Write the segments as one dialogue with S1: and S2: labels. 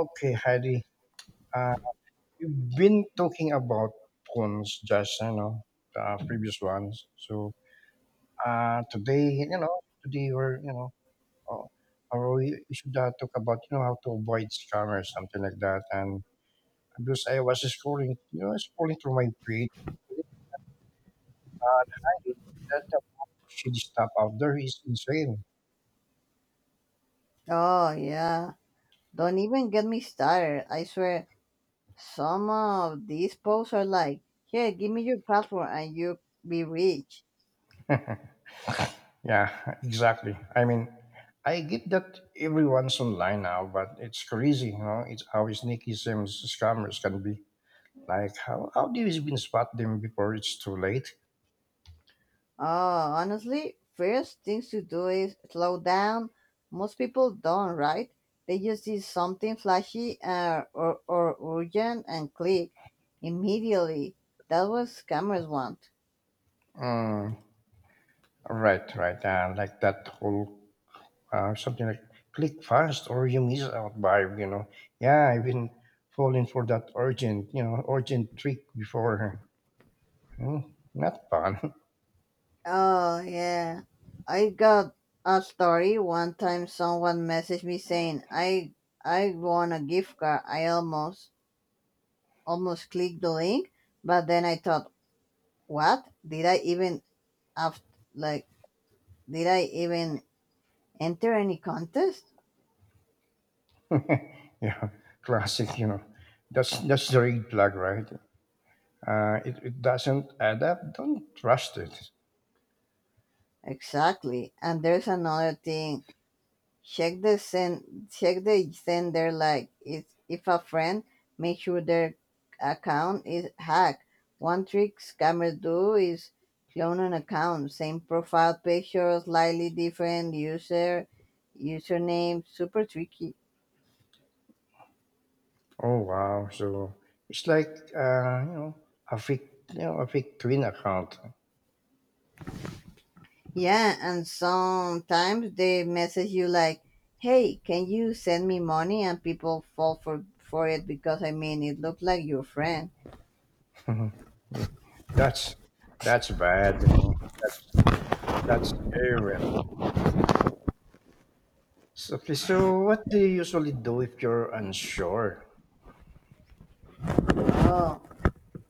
S1: Okay, Heidi. Uh, we've been talking about phones, just the previous ones. So today, uh, we should talk about how to avoid scammers, something like that. And because I was scrolling, scrolling through my feed, and Heidi, that the shady stuff out there is insane.
S2: Oh yeah. Don't even get me started. I swear some of these posts are like, here, give me your password and you'll be rich.
S1: Yeah, exactly. I mean, I get that everyone's online now, but it's crazy, you know. It's how sneaky some scammers can be. Like, how do you even spot them before it's too late?
S2: Oh honestly, first things to do is slow down. Most people don't, right? They just see something flashy or urgent and click immediately. That's what scammers want.
S1: Mm, right, right. Like that whole something like click fast or you miss out vibe, you know. Yeah, I've been falling for that urgent, urgent trick before. Hmm, not fun.
S2: Oh yeah. I got a story. One time someone messaged me saying I won a gift card. I almost clicked the link, but then I thought, what? Did I even have like did I even enter any contest?
S1: Yeah, classic, you know. That's the red flag, right? It doesn't add up, don't trust it.
S2: Exactly. And there's another thing. Check the sender like is if a friend make sure their account is hacked. One trick scammers do is clone an account, same profile picture, slightly different username, super tricky.
S1: Oh wow! So it's like a fake twin account.
S2: Yeah, and sometimes they message you like, "Hey, can you send me money?" and people fall for it because I mean it looked like your friend.
S1: that's that's bad. You know that's that's terrible. So, okay, so what do you usually do if you're unsure?
S2: Oh.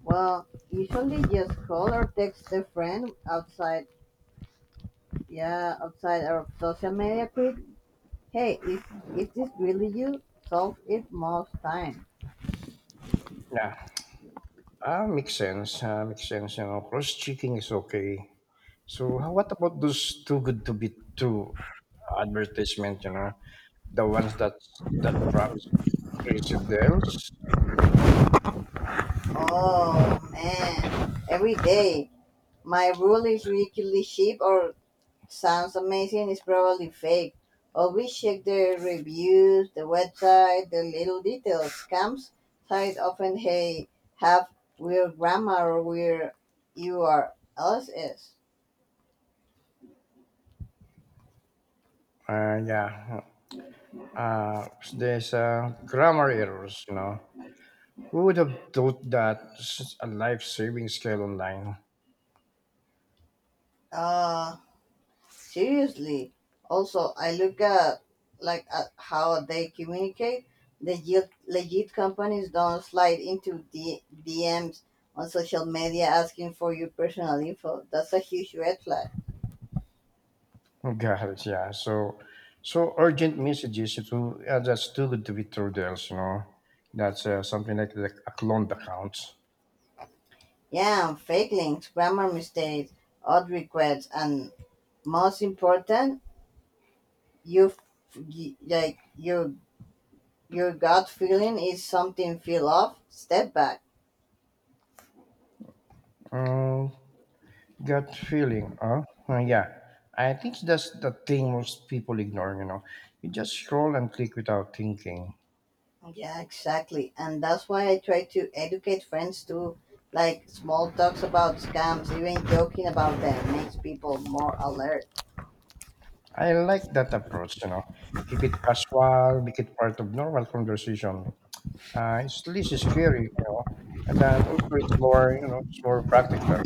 S2: Well, usually just call or text a friend outside, yeah, outside our social media group. Hey, is this really you? Solve it most time.
S1: Yeah, ah, makes sense. Ah, makes sense. You know, cross checking is okay. So what about those too good to be true advertisement? You know, the ones that promise Residents,
S2: Oh man, every day. My rule is weekly sheep or sounds amazing is probably fake. Always check the reviews, the website, the little details. Scams site often hey have weird grammar or weird URLs.
S1: yeah, uh, there's grammar errors, you know. Who would have thought that a life-saving scale online?
S2: Uh, seriously. Also, I look at at how they communicate. Legit companies don't slide into DMs on social media asking for your personal info. That's a huge red flag.
S1: God, yeah. So urgent messages. It will, that's too good to be true, Dels. You know, that's something like a cloned account.
S2: Yeah, and fake links, grammar mistakes, odd requests, and most important, you f- y- like your your gut feeling is something feel off. Step back.
S1: Mm, gut feeling, huh? Yeah. I think that's the thing most people ignore. You know, you just scroll and click without thinking.
S2: Yeah, exactly. And that's why I try to educate friends to like small talks about scams, even joking about them makes people more alert.
S1: I like that approach, you know. Keep it casual, make it part of normal conversation. It's least is scary, you know. And then also it's more, it's more practical.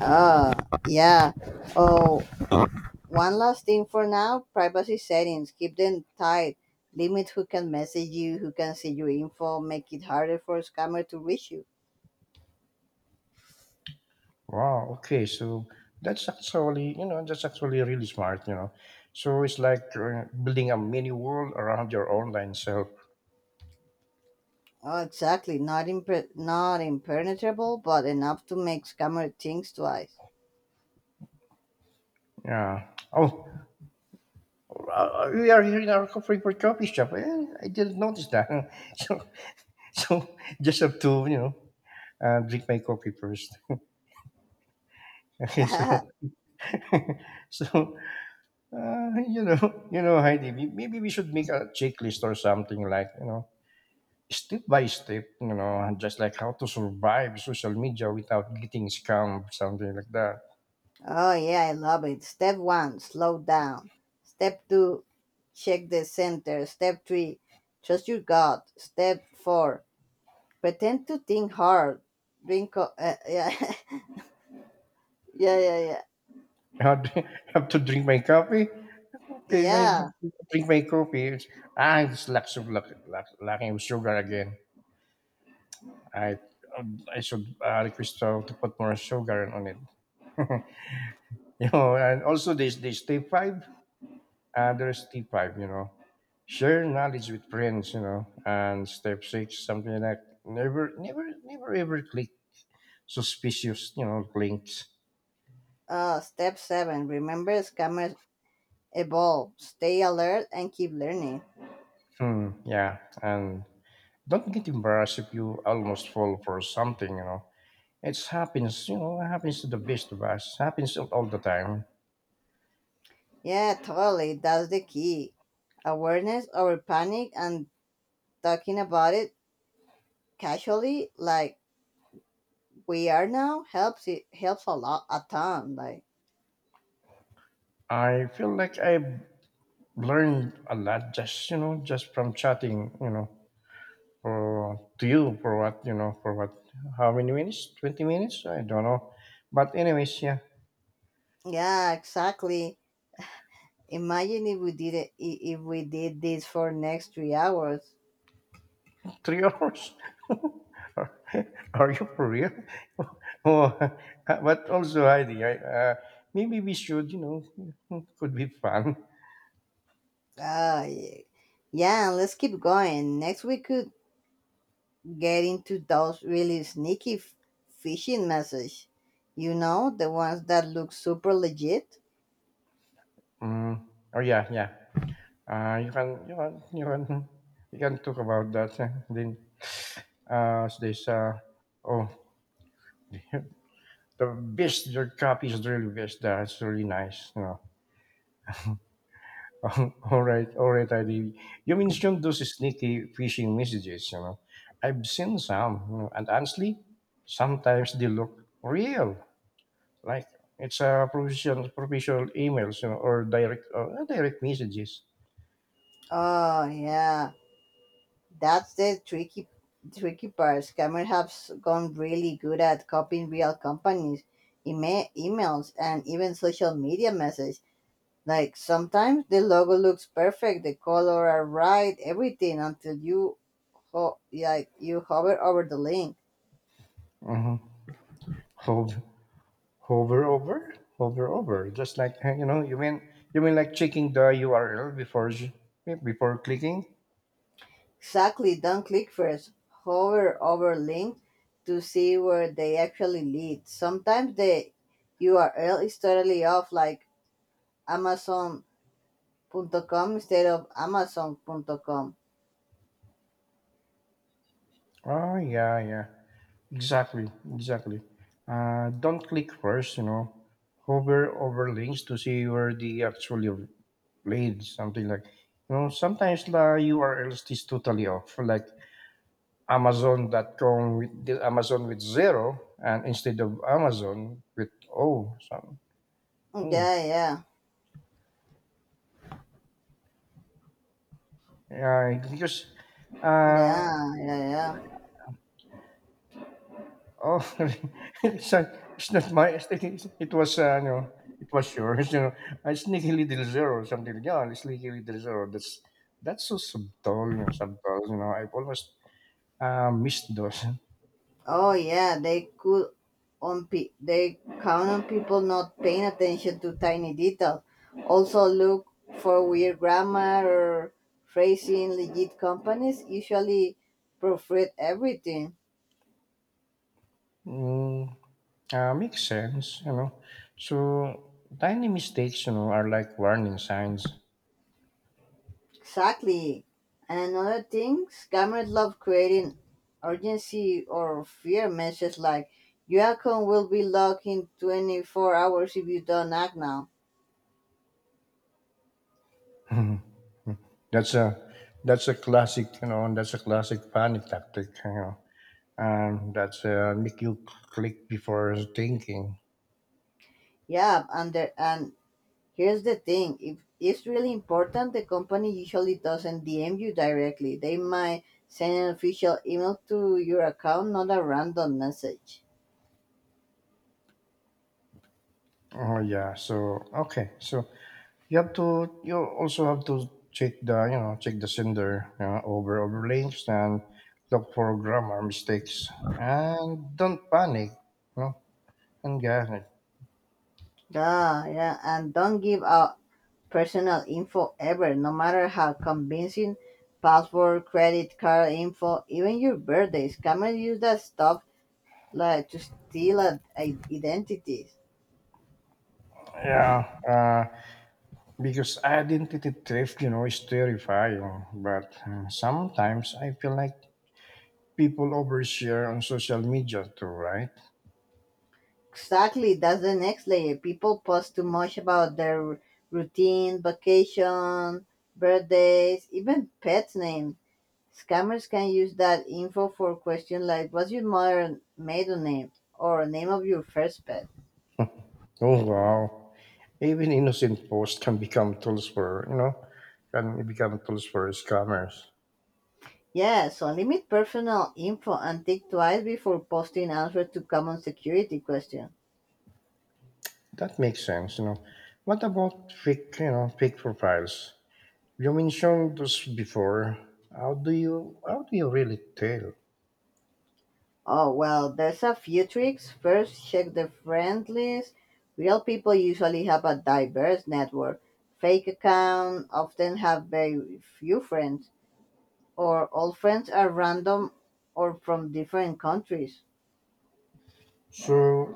S2: Oh, yeah. Oh, one last thing for now, privacy settings. Keep them tight. Limit who can message you, who can see your info, make it harder for a scammer to reach you.
S1: Wow, okay, so that's actually, that's actually really smart, you know. So it's like building a mini world around your online self.
S2: Oh, exactly. Not impenetrable, but enough to make scammer things twice.
S1: Yeah. Oh, we are here in our coffee shop. Eh, I didn't notice that. so, so just have to, drink my coffee first. Okay, so so you know you know Heidi maybe we should make a checklist or something like you know step by step you know and just like how to survive social media without getting scammed something like that
S2: Oh yeah, I love it. Step one, slow down. Step two, check the center. Step three, trust your gut. Step four, pretend to think hard. Yeah, yeah, yeah, yeah,
S1: I have to drink my coffee okay I
S2: yeah.
S1: drink my coffee. Ah it's lots of lack lack, lacking of sugar again i I should request to put more sugar on it you know and also this step five. There's Step five, you know, share knowledge with friends, you know, and step six, something like never ever click suspicious, you know, links.
S2: Step seven, remember scammers evolve. Stay alert and keep learning.
S1: Hmm, yeah, and don't get embarrassed if you almost fall for something, you know. It happens, you know, it happens to the best of us, happens all the time.
S2: Yeah, totally. That's the key. Awareness over panic and talking about it casually, like we are now, helps a lot, a ton. Like.
S1: I feel like I've learned a lot just, just from chatting, you know, for to you for what you know for what how many minutes, 20 minutes, I don't know, but anyways, yeah.
S2: Yeah, exactly. Imagine if we did it, I- if we did this for next 3 hours.
S1: Three hours? are, are you for real? oh, but also Heidi, maybe we should you know could be fun.
S2: Ah, yeah. Let's keep going. Next, we could get into those really sneaky phishing messages. You know, the ones that look super legit.
S1: mm. Oh yeah, yeah. uh, you can you can you can you can talk about that, eh, then there's uh oh the best your copy is really best, that's really nice, you know. All right, all right, ID. You mentioned those sneaky phishing messages, you know. I've seen some, you know, and honestly, sometimes they look real. Like it's a professional emails, you know, or direct messages.
S2: Oh yeah, that's the tricky part. Scammers have gone really good at copying real companies, emails, and even social media messages. Like sometimes the logo looks perfect, the color are right, everything until you you hover over the link.
S1: hmm Hover, Hover over, hover over. Just like you mean like checking the URL before clicking.
S2: Exactly, don't click first. Hover over link to see where they actually lead. Sometimes the URL is totally off like amazon.com instead of amazon.com.
S1: Oh yeah, yeah. Exactly, exactly. Don't click first, you know. Hover over links to see where they actually played something like, you know, sometimes the URL is totally off, like Amazon.com with the Amazon with zero and instead of Amazon with O. So, oh,
S2: Yeah, yeah.
S1: yeah, because
S2: Yeah,
S1: uh,
S2: yeah, yeah.
S1: Oh, it's not it's not my it's like it was, it was yours, you know. Sneaky Little Zero, or something like, yeah, Sneaky Little Zero. That's so subtle, subtle, you know. I've almost missed those.
S2: Oh yeah, they could they count on people not paying attention to tiny details. Also look for weird grammar or phrasing. Legit companies usually proofread everything.
S1: Mm, Makes sense, you know. So tiny mistakes, you know, are like warning signs.
S2: Exactly. And another thing, scammers love creating urgency or fear messages like your account will be locked in 24 hours if you don't act now.
S1: That's a that's a classic, you know, and that's a classic panic tactic, you know. And that's make you click before thinking.
S2: Yeah, and here's the thing: if it's really important, the company usually doesn't DM you directly. They might send an official email to your account, not a random message.
S1: Oh yeah. So okay. So you have to. You also have to check the you know check the sender you know, over overlinks and look for grammar mistakes and don't panic. You know, and get it.
S2: Ah, yeah, and don't give out personal info ever, no matter how convincing. Password, credit card info, even your birthdays. Scammers use that stuff like to steal identities.
S1: Yeah. Because identity theft, you know, is terrifying. But sometimes I feel like people overshare on social media too, right?
S2: Exactly, that's the next layer. People post too much about their routine, vacation, birthdays, even pets' name. Scammers can use that info for questions like what's your modern maiden name or name of your first pet.
S1: Oh wow. Even innocent posts can become tools for, can become tools for scammers.
S2: Yeah, so limit personal info and think twice before posting answers to common security questions.
S1: That makes sense, you know. What about fake, fake profiles? You mentioned this before. How do you really tell?
S2: Oh, well, there's a few tricks. First, check the friend list. Real people usually have a diverse network. Fake accounts often have very few friends, or all friends are random or from different countries.
S1: So,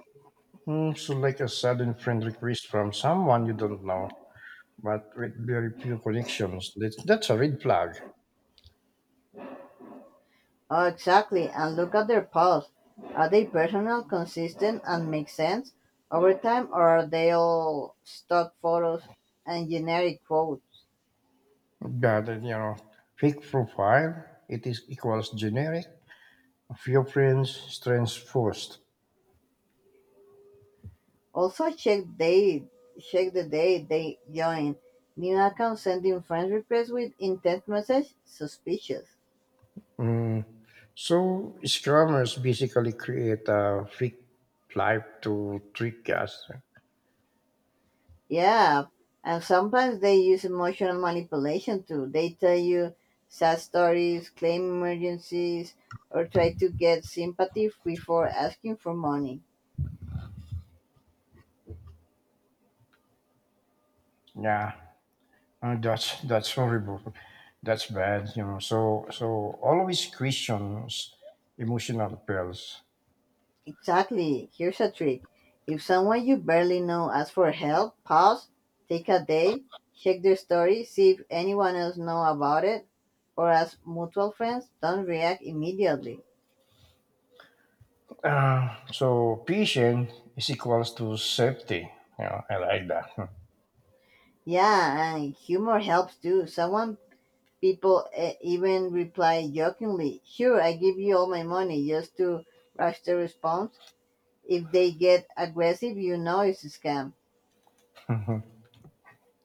S1: mm, so like a sudden friend request from someone you don't know, but with very few connections. That's a red flag.
S2: Oh, exactly. And look at their posts. Are they personal, consistent, and make sense over time, or are they all stock photos and generic quotes?
S1: But you know, fake profile. It is equals generic. A few friends, strange post.
S2: Also check the day they join. New account sending friend requests with intent message suspicious.
S1: So scammers basically create a fake life to trick us.
S2: Yeah. And sometimes they use emotional manipulation too. They tell you sad stories, claim emergencies, or try to get sympathy before asking for money.
S1: Yeah, that's horrible. That's bad, you know. So always questions emotional appeals.
S2: Exactly. Here's a trick. If someone you barely know asks for help, pause, take a day, check their story, see if anyone else know about it, or ask mutual friends. Don't react immediately.
S1: So patient is equals to safety. Yeah, I like that.
S2: Yeah, and humor helps too. Someone People eh, even reply jokingly, "Sure, I give you all my money," just to rush the response. If they get aggressive, you know it's a scam.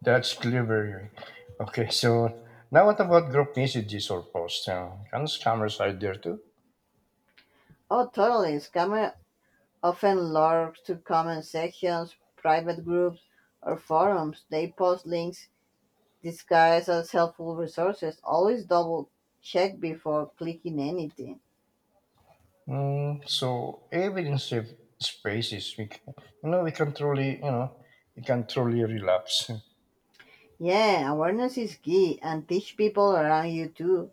S1: That's clever. Okay, so now what about group messages or posts? Can scammers hide there too?
S2: Oh, totally. Scammer often logs to comment sections, private groups, or forums. They post links disguised as helpful resources. Always double check before clicking anything.
S1: Mm, so even safe spaces, we can, you know we can truly you know we can truly relapse.
S2: Yeah, awareness is key and teach people around you too.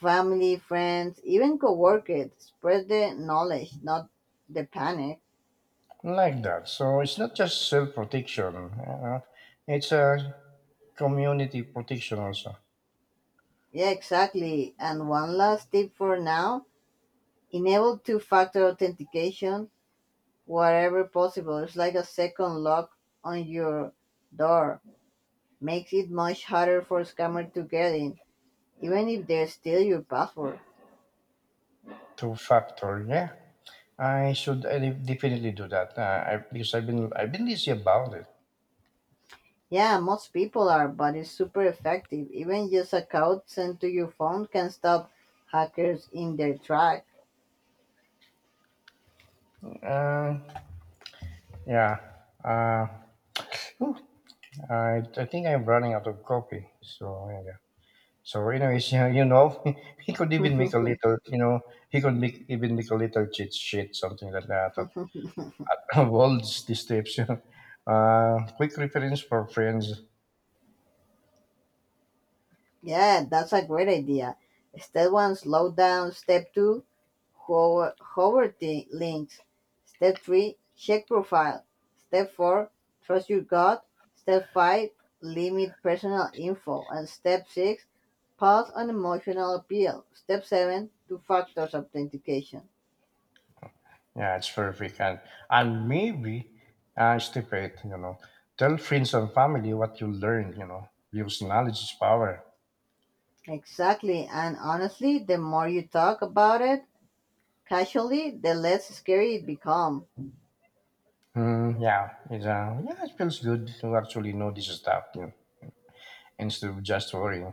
S2: Family, friends, even coworkers. Spread the knowledge, not the panic.
S1: Like that. So it's not just self protection, you know, it's a community protection also.
S2: Yeah, exactly. And one last tip for now, enable two factor authentication wherever possible. It's like a second lock on your door. Makes it much harder for scammers to get in, even if they steal your password.
S1: Two factor, yeah. I de- definitely do that because I've been lazy about it.
S2: Yeah, most people are, but it's super effective. Even just a code sent to your phone can stop hackers in their track.
S1: Uh, yeah. Uh, Whew, I think I'm running out of coffee. So yeah. So, anyways, yeah, you know, he could even make a little, you know, he could make even make a little cheat sheet, something like that. World's these tips, you know. Quick reference for friends.
S2: Yeah, that's a great idea. Step one, slow down. Step two, hover the links. Step three, check profile. Step four, trust your gut. Step five, limit personal info. And step six, pause on emotional appeal. Step seven, two factors authentication.
S1: Yeah, it's perfect. And maybe, step eight, you know, tell friends and family what you learned, you know, use knowledge is power.
S2: Exactly. And honestly, the more you talk about it casually, the less scary it becomes.
S1: Yeah, it feels good to actually know this stuff, you know, instead of just worrying.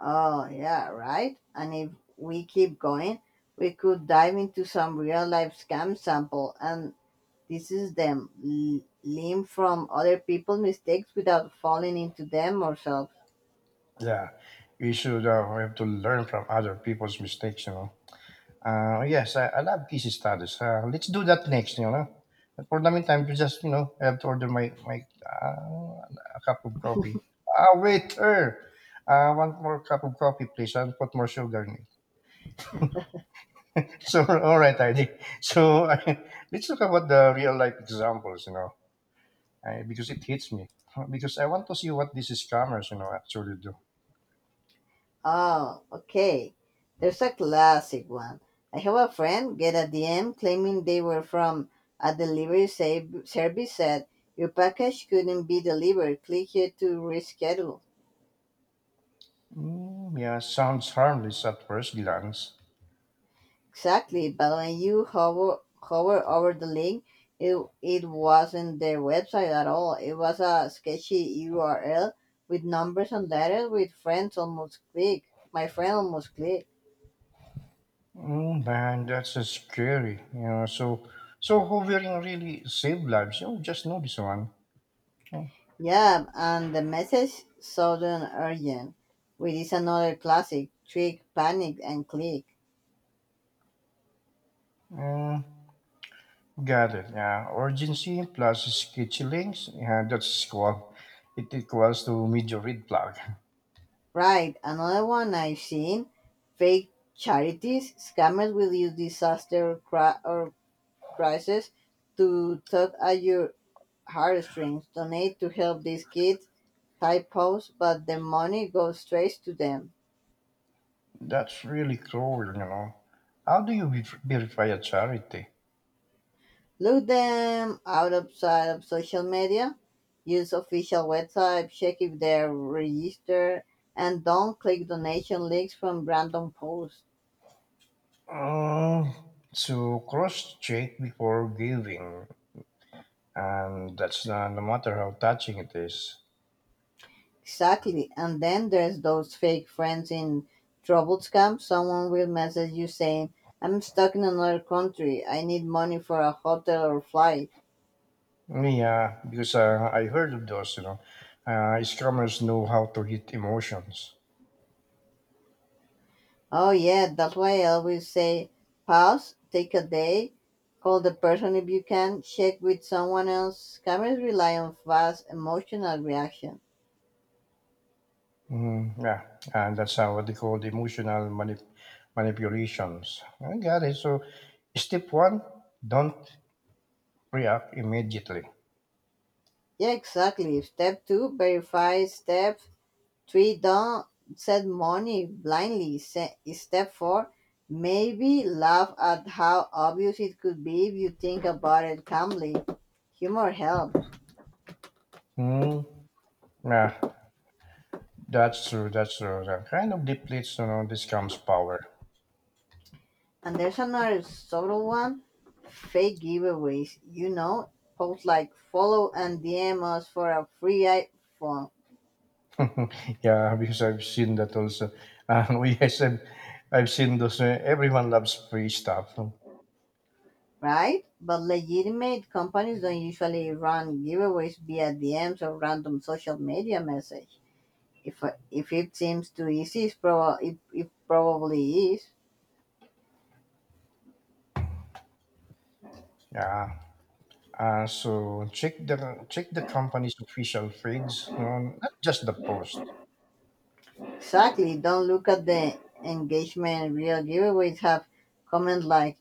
S2: Oh, yeah, right? And if we keep going, we could dive into some real life scam sample, and this is them learn from other people's mistakes without falling into them ourselves.
S1: Yeah, we should we have to learn from other people's mistakes, you know. Yes, I love case studies. Let's do that next, you know. But for the meantime, you just, you know, I have to order my uh, a cup of coffee. Ah, wait, one more cup of coffee, please, and put more sugar in it. So, all right, Heidi. So, let's talk about the real life examples, you know, because it hits me. Because I want to see what these scammers, you know, actually do.
S2: Oh, okay. There's a classic one. I have a friend get a DM claiming they were from a delivery service said your package couldn't be delivered. Click here to reschedule.
S1: Mm, yeah, sounds harmless at first glance.
S2: Exactly, but when you hover over the link, it, it wasn't their website at all. It was a sketchy URL with numbers and letters with friends almost click. My friend almost click.
S1: Mm, man, that's scary. You know, so hovering really saved lives. You know, just know this one. Mm,
S2: Yeah, and the message sudden urgent, which is another classic trick, panic, and click.
S1: mm, got it. Yeah, urgency plus sketchy links. Yeah, that's equal. It equals to major red flag.
S2: Right, another one I've seen, fake charities. Scammers will use disaster cra- or crisis to tug at your heartstrings donate to help these kids type posts, but the money goes straight to them.
S1: That's really cruel. You know, how do you verify a charity?
S2: Look them out outside of social media, use official website, check if they're registered, and don't click donation links from random posts.
S1: Mm, so cross check before giving, and that's not, no matter how touching it is.
S2: Exactly. And then there's those fake friends in trouble scams. Someone will message you saying, I'm stuck in another country. I need money for a hotel or flight.
S1: Yeah, because I heard of those, you know, strummers know how to hit emotions.
S2: Oh yeah, that's why I always say pause, take a day, call the person if you can, check with someone else. Cameras rely on fast emotional reaction.
S1: Mm, yeah, and that's how what they call manipulations. I got it. So, step one, don't react immediately.
S2: Yeah, exactly. Step two, verify. Step three, don't set money blindly. Step four, maybe laugh at how obvious it could be if you think about it calmly. Humor helps.
S1: Mm, yeah, that's true. That's true. That kind of depletes, you know, this comes power.
S2: And there's another subtle one. Fake giveaways, you know? Posts like follow and DM us for a free iPhone,
S1: Yeah, because I've seen that also. And we, yes, I've seen those. Everyone loves free stuff.
S2: right? But legitimate companies don't usually run giveaways via DMs or random social media message. If, if it seems too easy, it probably is.
S1: Yeah. So check the company's official feeds, no, not just the post.
S2: Exactly, don't look at the engagement. Real giveaways have comment like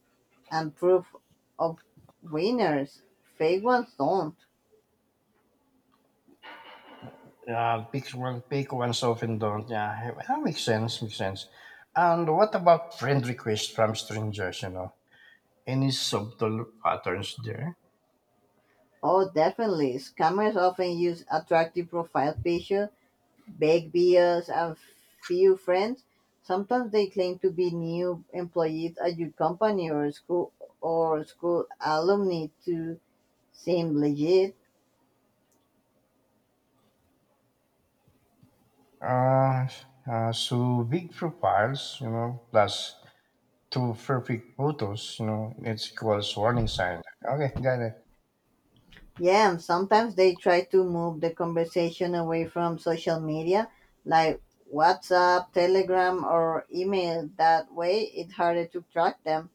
S2: and proof of winners. Fake ones don't.
S1: Yeah, pick ones often don't. Yeah, hey, that makes sense. Makes sense. And what about friend requests from strangers? You know, any subtle patterns there?
S2: Oh, definitely. Scammers often use attractive profile pictures, big bios, and few friends. Sometimes they claim to be new employees at your company or school alumni to seem legit.
S1: Uh, so big profiles, you know, plus two perfect photos, you know, it's equals warning sign. Okay, got it.
S2: Yeah, and sometimes they try to move the conversation away from social media, like WhatsApp, Telegram, or email. That way, it's harder to track them.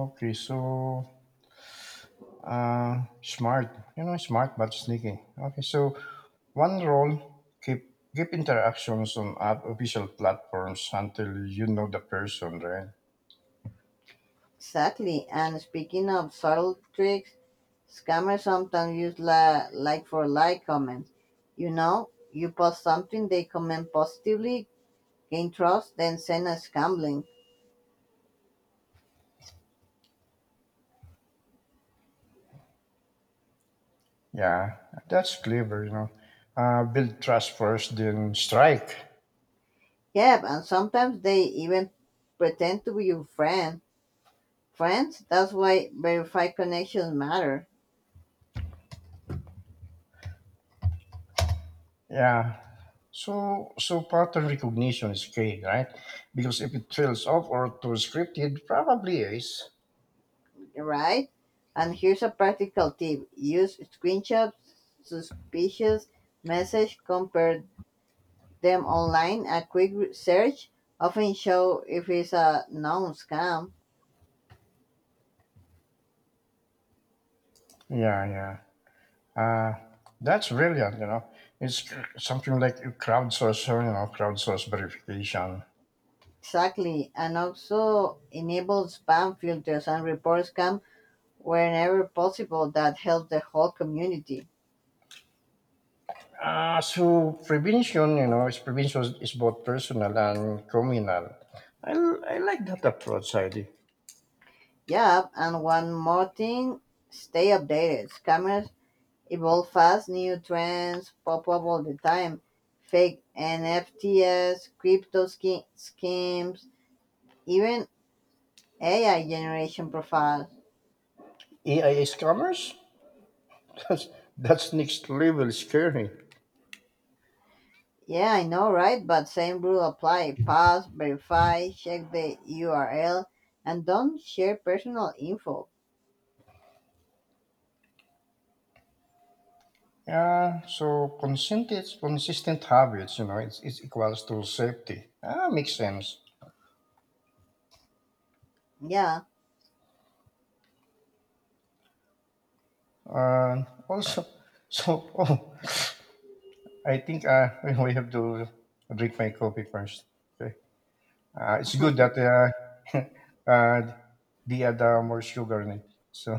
S1: Okay, so smart, you know, smart but sneaky. Okay, so one role, keep interactions on app official platforms until you know the person, right?
S2: Exactly. And speaking of subtle tricks, scammers sometimes use like for like comments. You know, you post something, they comment positively, gain trust, then send a scam link.
S1: Yeah, that's clever, you know. Build trust first, then strike.
S2: Yep, and sometimes they even pretend to be your friend. Friends, that's why verified connections matter,
S1: Yeah. So pattern recognition is key, right? Because if it trails off or too scripted, probably is.
S2: right? And here's a practical tip, use screenshots, suspicious message, compare them online, a quick search often show if it's a known scam.
S1: Yeah, yeah. Uh, that's brilliant, It's something like a crowdsource, crowdsource verification.
S2: Exactly, and also enable spam filters and report scam whenever possible. That helps the whole community.
S1: So prevention, you know, is prevention is both personal and criminal. I like that approach, Heidi.
S2: Yeah, and one more thing: stay updated. Scammers evolve fast, new trends pop up all the time. Fake NFTs, crypto schemes, even AI generation profiles.
S1: AI scammers? That's, that's next level scary.
S2: Yeah, I know, right? But same rule apply. Pass, verify, check the URL, and don't share personal info.
S1: Yeah, so consistent habits, it's equals to safety. Ah, makes sense.
S2: Yeah,
S1: Uh, Also, so, oh, I think we have to drink my coffee first. Okay. It's good that uh, they add more sugar in it. So,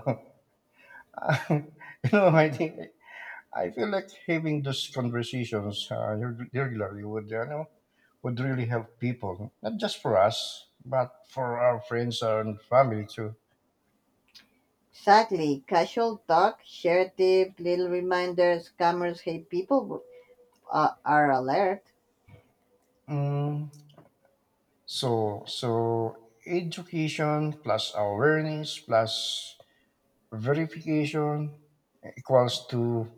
S1: I think I feel like having those conversations regularly would, would really help people, not just for us, but for our friends and family too.
S2: exactly. Casual talk, share tips, little reminders, scammers hate people are alert.
S1: Mm, so, so education plus awareness plus verification equals to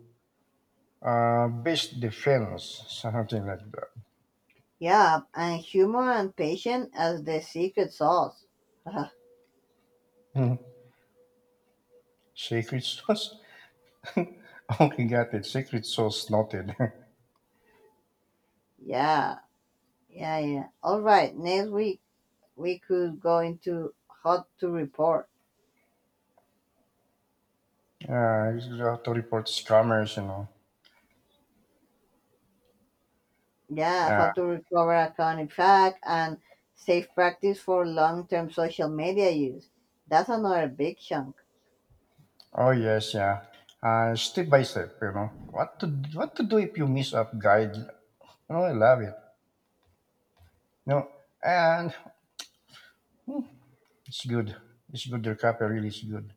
S1: best defense, something like
S2: Yeah, and humor and patience as the secret sauce. Yeah,
S1: that. Secret sauce? Okay, got it. Secret sauce noted.
S2: yeah, yeah. All right, next week we could go into how to report.
S1: You have to report scammers,
S2: Yeah,
S1: Uh,
S2: how to recover account in fact and safe practice for long term social media use. That's another big chunk.
S1: oh yes, yeah. Step by step, What to do if you miss up guide? Oh, I love it. You know, and it's good. It's good. Your copy really is good.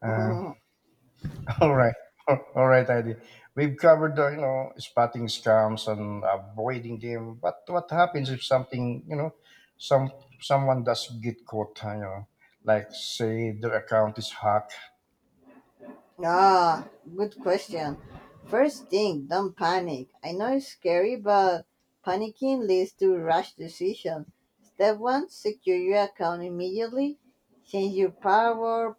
S1: Uh, All right. All right, Heidi. We've covered the, spotting scams and avoiding them. But what happens if something, some someone does get caught, like say their account is hacked.
S2: Ah, good question. First thing, don't panic. I know it's scary, but panicking leads to rash decision. Step one, secure your account immediately. Change your password,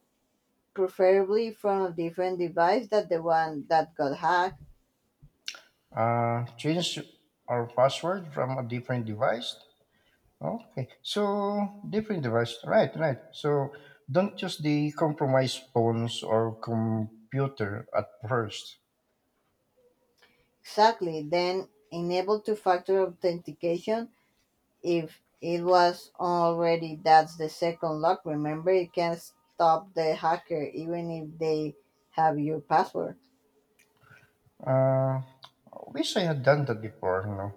S2: preferably from a different device than the one that got hacked.
S1: Change our password from a different device. Okay. So different device. Right, right. So don't use the compromised phones or computer at first.
S2: Exactly. Then enable two factor authentication. If it was already, that's the second lock. Remember, you can not stop the hacker even if they have your password.
S1: Uh, Wish I had done that before,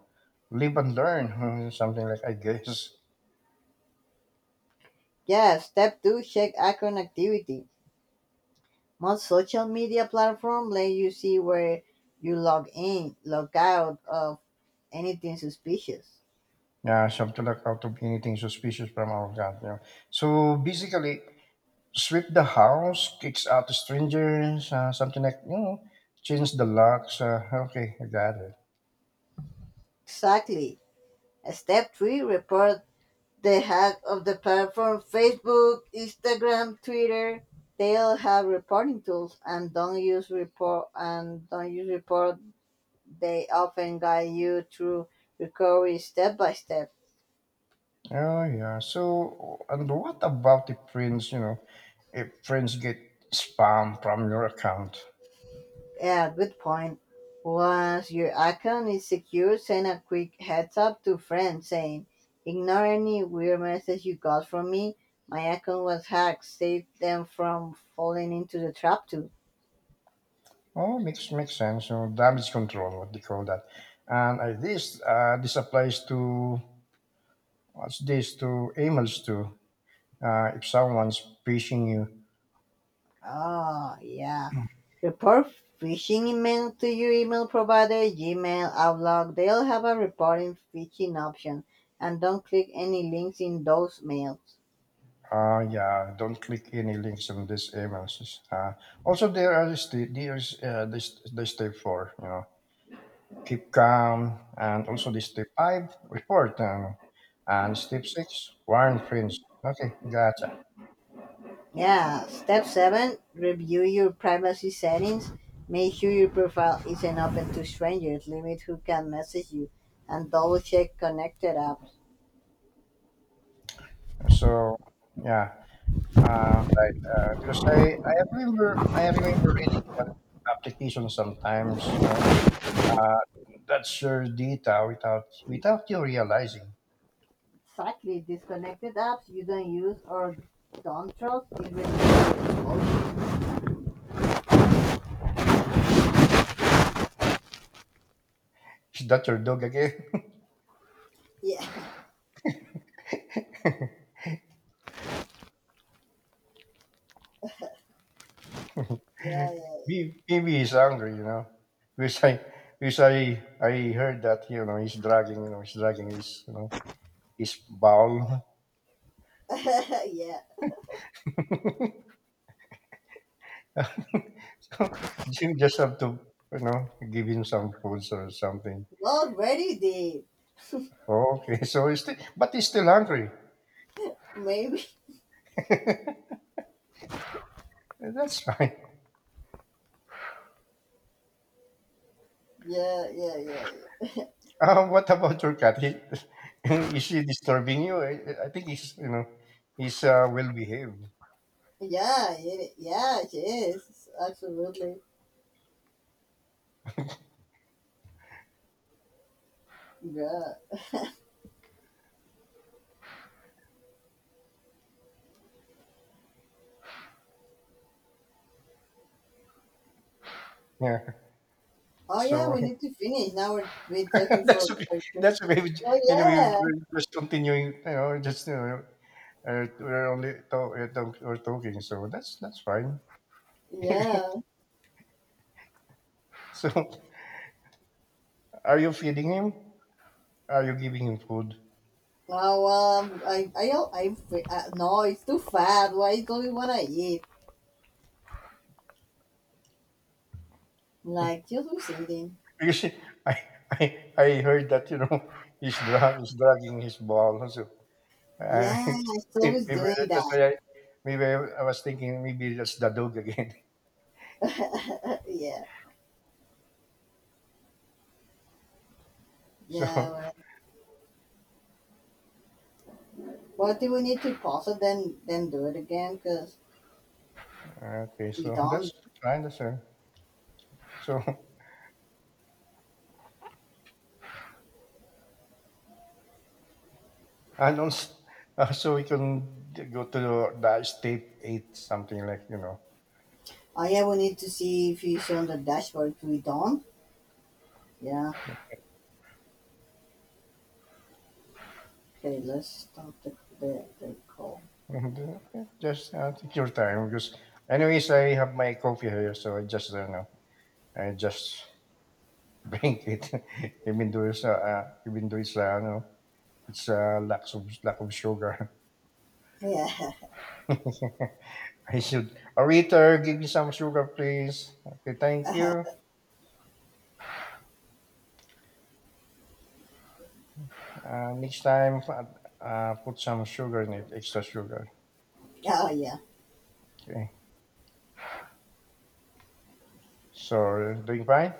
S1: Live and learn, something like I guess.
S2: Yeah, step two, check account activity. Most social media platform let you see where you log in, log out of anything suspicious.
S1: Yeah, so to look out of anything suspicious from our God. So basically, sweep the house, kicks out the strangers, something like change the locks. Okay, I got it.
S2: Exactly. Step three, report the hack of the platform. Facebook, Instagram, Twitter, they all have reporting tools and don't use report. They often guide you through recovery step by step.
S1: Oh yeah. So and what about the friends? If friends get spam from your account.
S2: Yeah, good point. Once your account is secure, send a quick heads up to friends saying, ignore any weird message you got from me. My account was hacked. Save them from falling into the trap too.
S1: Oh, makes sense. Damage control, what they call that. And this this applies to, what's this, to emails too? If someone's phishing you,
S2: Oh, yeah. Report phishing email to your email provider, Gmail, Outlook. They'll have a reporting phishing option, and don't click any links in those mails.
S1: yeah, don't click any links on these emails. Uh, Also, there are there's this the step four, keep calm, and also the step five, report, and step six, warn friends. Okay, gotcha.
S2: Yeah. Step seven, review your privacy settings. Make sure your profile isn't open to strangers. Limit who can message you and double check connected apps.
S1: So, yeah, right. Because I remember reading that application sometimes, Uh, that's your data without you realizing.
S2: Exactly. Disconnected apps you don't use or don't trust is really important.
S1: Is that your dog again?
S2: Yeah. Yeah.
S1: Maybe he's angry, Because I because I heard that he's dragging, he's dragging his his bowl.
S2: Yeah. Yeah.
S1: So you just have to give him some foods or something.
S2: Already did.
S1: Okay, so he's still hungry.
S2: Maybe.
S1: That's fine.
S2: Yeah, yeah, yeah, yeah.
S1: What about your cat? Is he disturbing you? I think he's, he's well behaved.
S2: Yeah, it, yeah, she Absolutely. Yeah.
S1: Yeah.
S2: Oh, yeah,
S1: So
S2: we need to finish. Now we're looking
S1: that's
S2: for.
S1: okay.
S2: for-
S1: That's okay. We, j-
S2: Oh,
S1: anyway, we-
S2: yeah.
S1: we're just continuing. We're only talking. So that's fine.
S2: Yeah.
S1: So, are you feeding him? Are you giving him food?
S2: Oh, I, don't- I, no, it's too fat. Why do we want to eat? Like, just was eating.
S1: Because he- I I heard that he's drunk. He's dragging his ball. So uh,
S2: Yeah, I still was
S1: maybe
S2: doing
S1: that's why maybe I was thinking maybe that's the dog again.
S2: that. Yeah.
S1: So
S2: Yeah. Well, what do we need to pause it then do it again? Because
S1: okay.
S2: we
S1: So that's
S2: don't.
S1: fine. That's fine. So. And also, also we can go to the state eight, something like,
S2: Oh yeah, we need to see if he's on the dashboard. We don't. Yeah. Okay, let's stop the call.
S1: and, yeah, just take your time. Because, anyways, I have my coffee here, so I just, I just drink it. Even though it's, it's lack of sugar.
S2: Yeah.
S1: I should, Arita, give me some sugar, please. Okay, thank
S2: uh
S1: you. Next time, put some sugar in it, extra sugar.
S2: Yeah. Yeah.
S1: Okay. So, doing fine?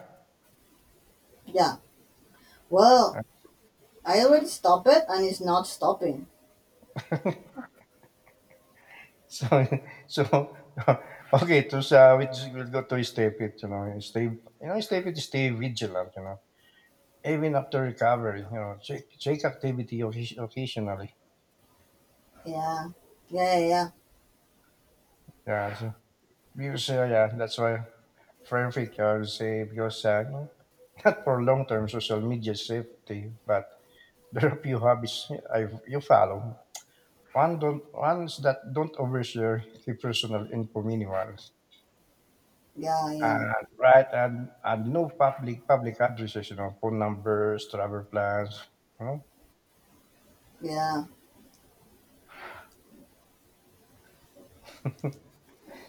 S2: Yeah. Well, I already stopped it, and it's not stopping.
S1: So so, okay, to sa which we'll go to stay fit, stay, stay fit, stay vigilant, even after recovery, check activity occasionally.
S2: Yeah. Yeah. Yeah.
S1: Yeah, so, because, yeah, that's why perfect, I would say, because not for long-term social media safety, but there are a few hobbies you follow. Ones that don't overshare the personal info minimal.
S2: Yeah. Yeah.
S1: And right, and no public addresses, phone numbers, travel plans, you know.
S2: Yeah.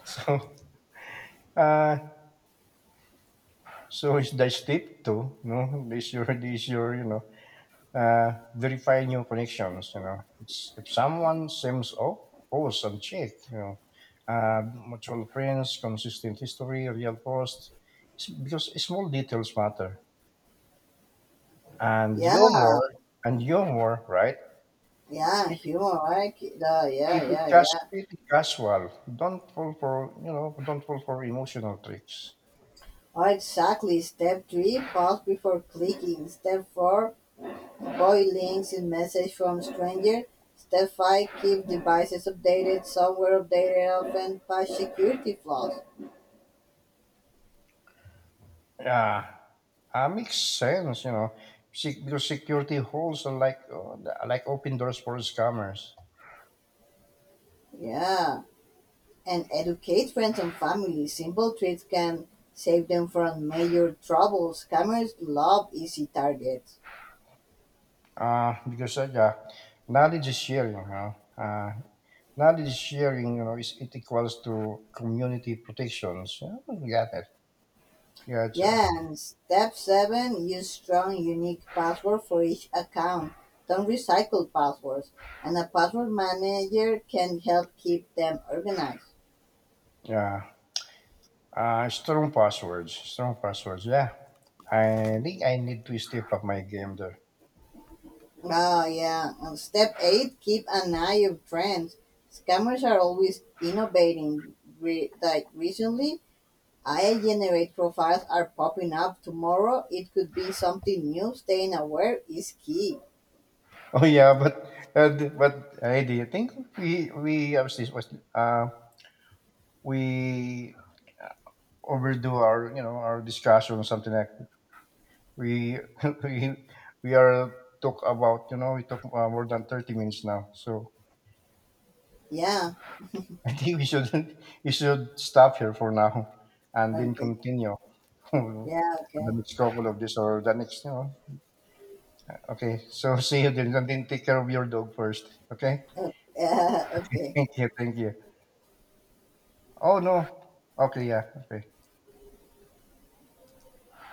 S1: So uh so it's the step two, you know. This your, you know, Verify new connections, It's, if someone seems off, post and check, Uh, mutual friends, consistent history, real post. It's because small details matter. And
S2: Yeah.
S1: you're
S2: Yeah.
S1: more and you're more right?
S2: Yeah,
S1: If
S2: humor, right? Yeah. Yeah. Yeah. Yeah.
S1: Keep it casual. Don't fall for you know. Don't fall for emotional tricks.
S2: Oh, exactly. Step three: pause before clicking. Step four: boy links in message from stranger. Step five: keep devices updated, software updated, often patch security flaws.
S1: Yeah, makes sense. Because security holes are like open doors for scammers.
S2: Yeah. And educate friends and family. Simple tricks can save them from major troubles. Scammers love easy targets.
S1: Because Yeah, knowledge is sharing. Knowledge is sharing. Is it equals to community protections. Yeah, we got it. Gotcha.
S2: Yeah, and step seven, use strong unique password for each account. Don't recycle passwords. And a password manager can help keep them organized.
S1: Yeah. Strong passwords. Strong passwords. Yeah. I think I need to step up my game there.
S2: Oh yeah. And step eight, keep an eye of trends. Scammers are always innovating. Like recently, AI generate profiles are popping up. Tomorrow, it could be something new. Staying aware is key.
S1: Oh yeah, but but I do think we obviously was uh we overdo our our discussion or something like we we we are talk about we talk more than 30 minutes now. So
S2: Yeah.
S1: I think we should we should stop here for now and then
S2: Okay.
S1: continue
S2: Yeah.
S1: the
S2: Okay.
S1: next couple of this or the next. Okay, so see you then and then take care of your dog first. Okay,
S2: Yeah. Okay.
S1: thank you. Oh no, okay, yeah, okay.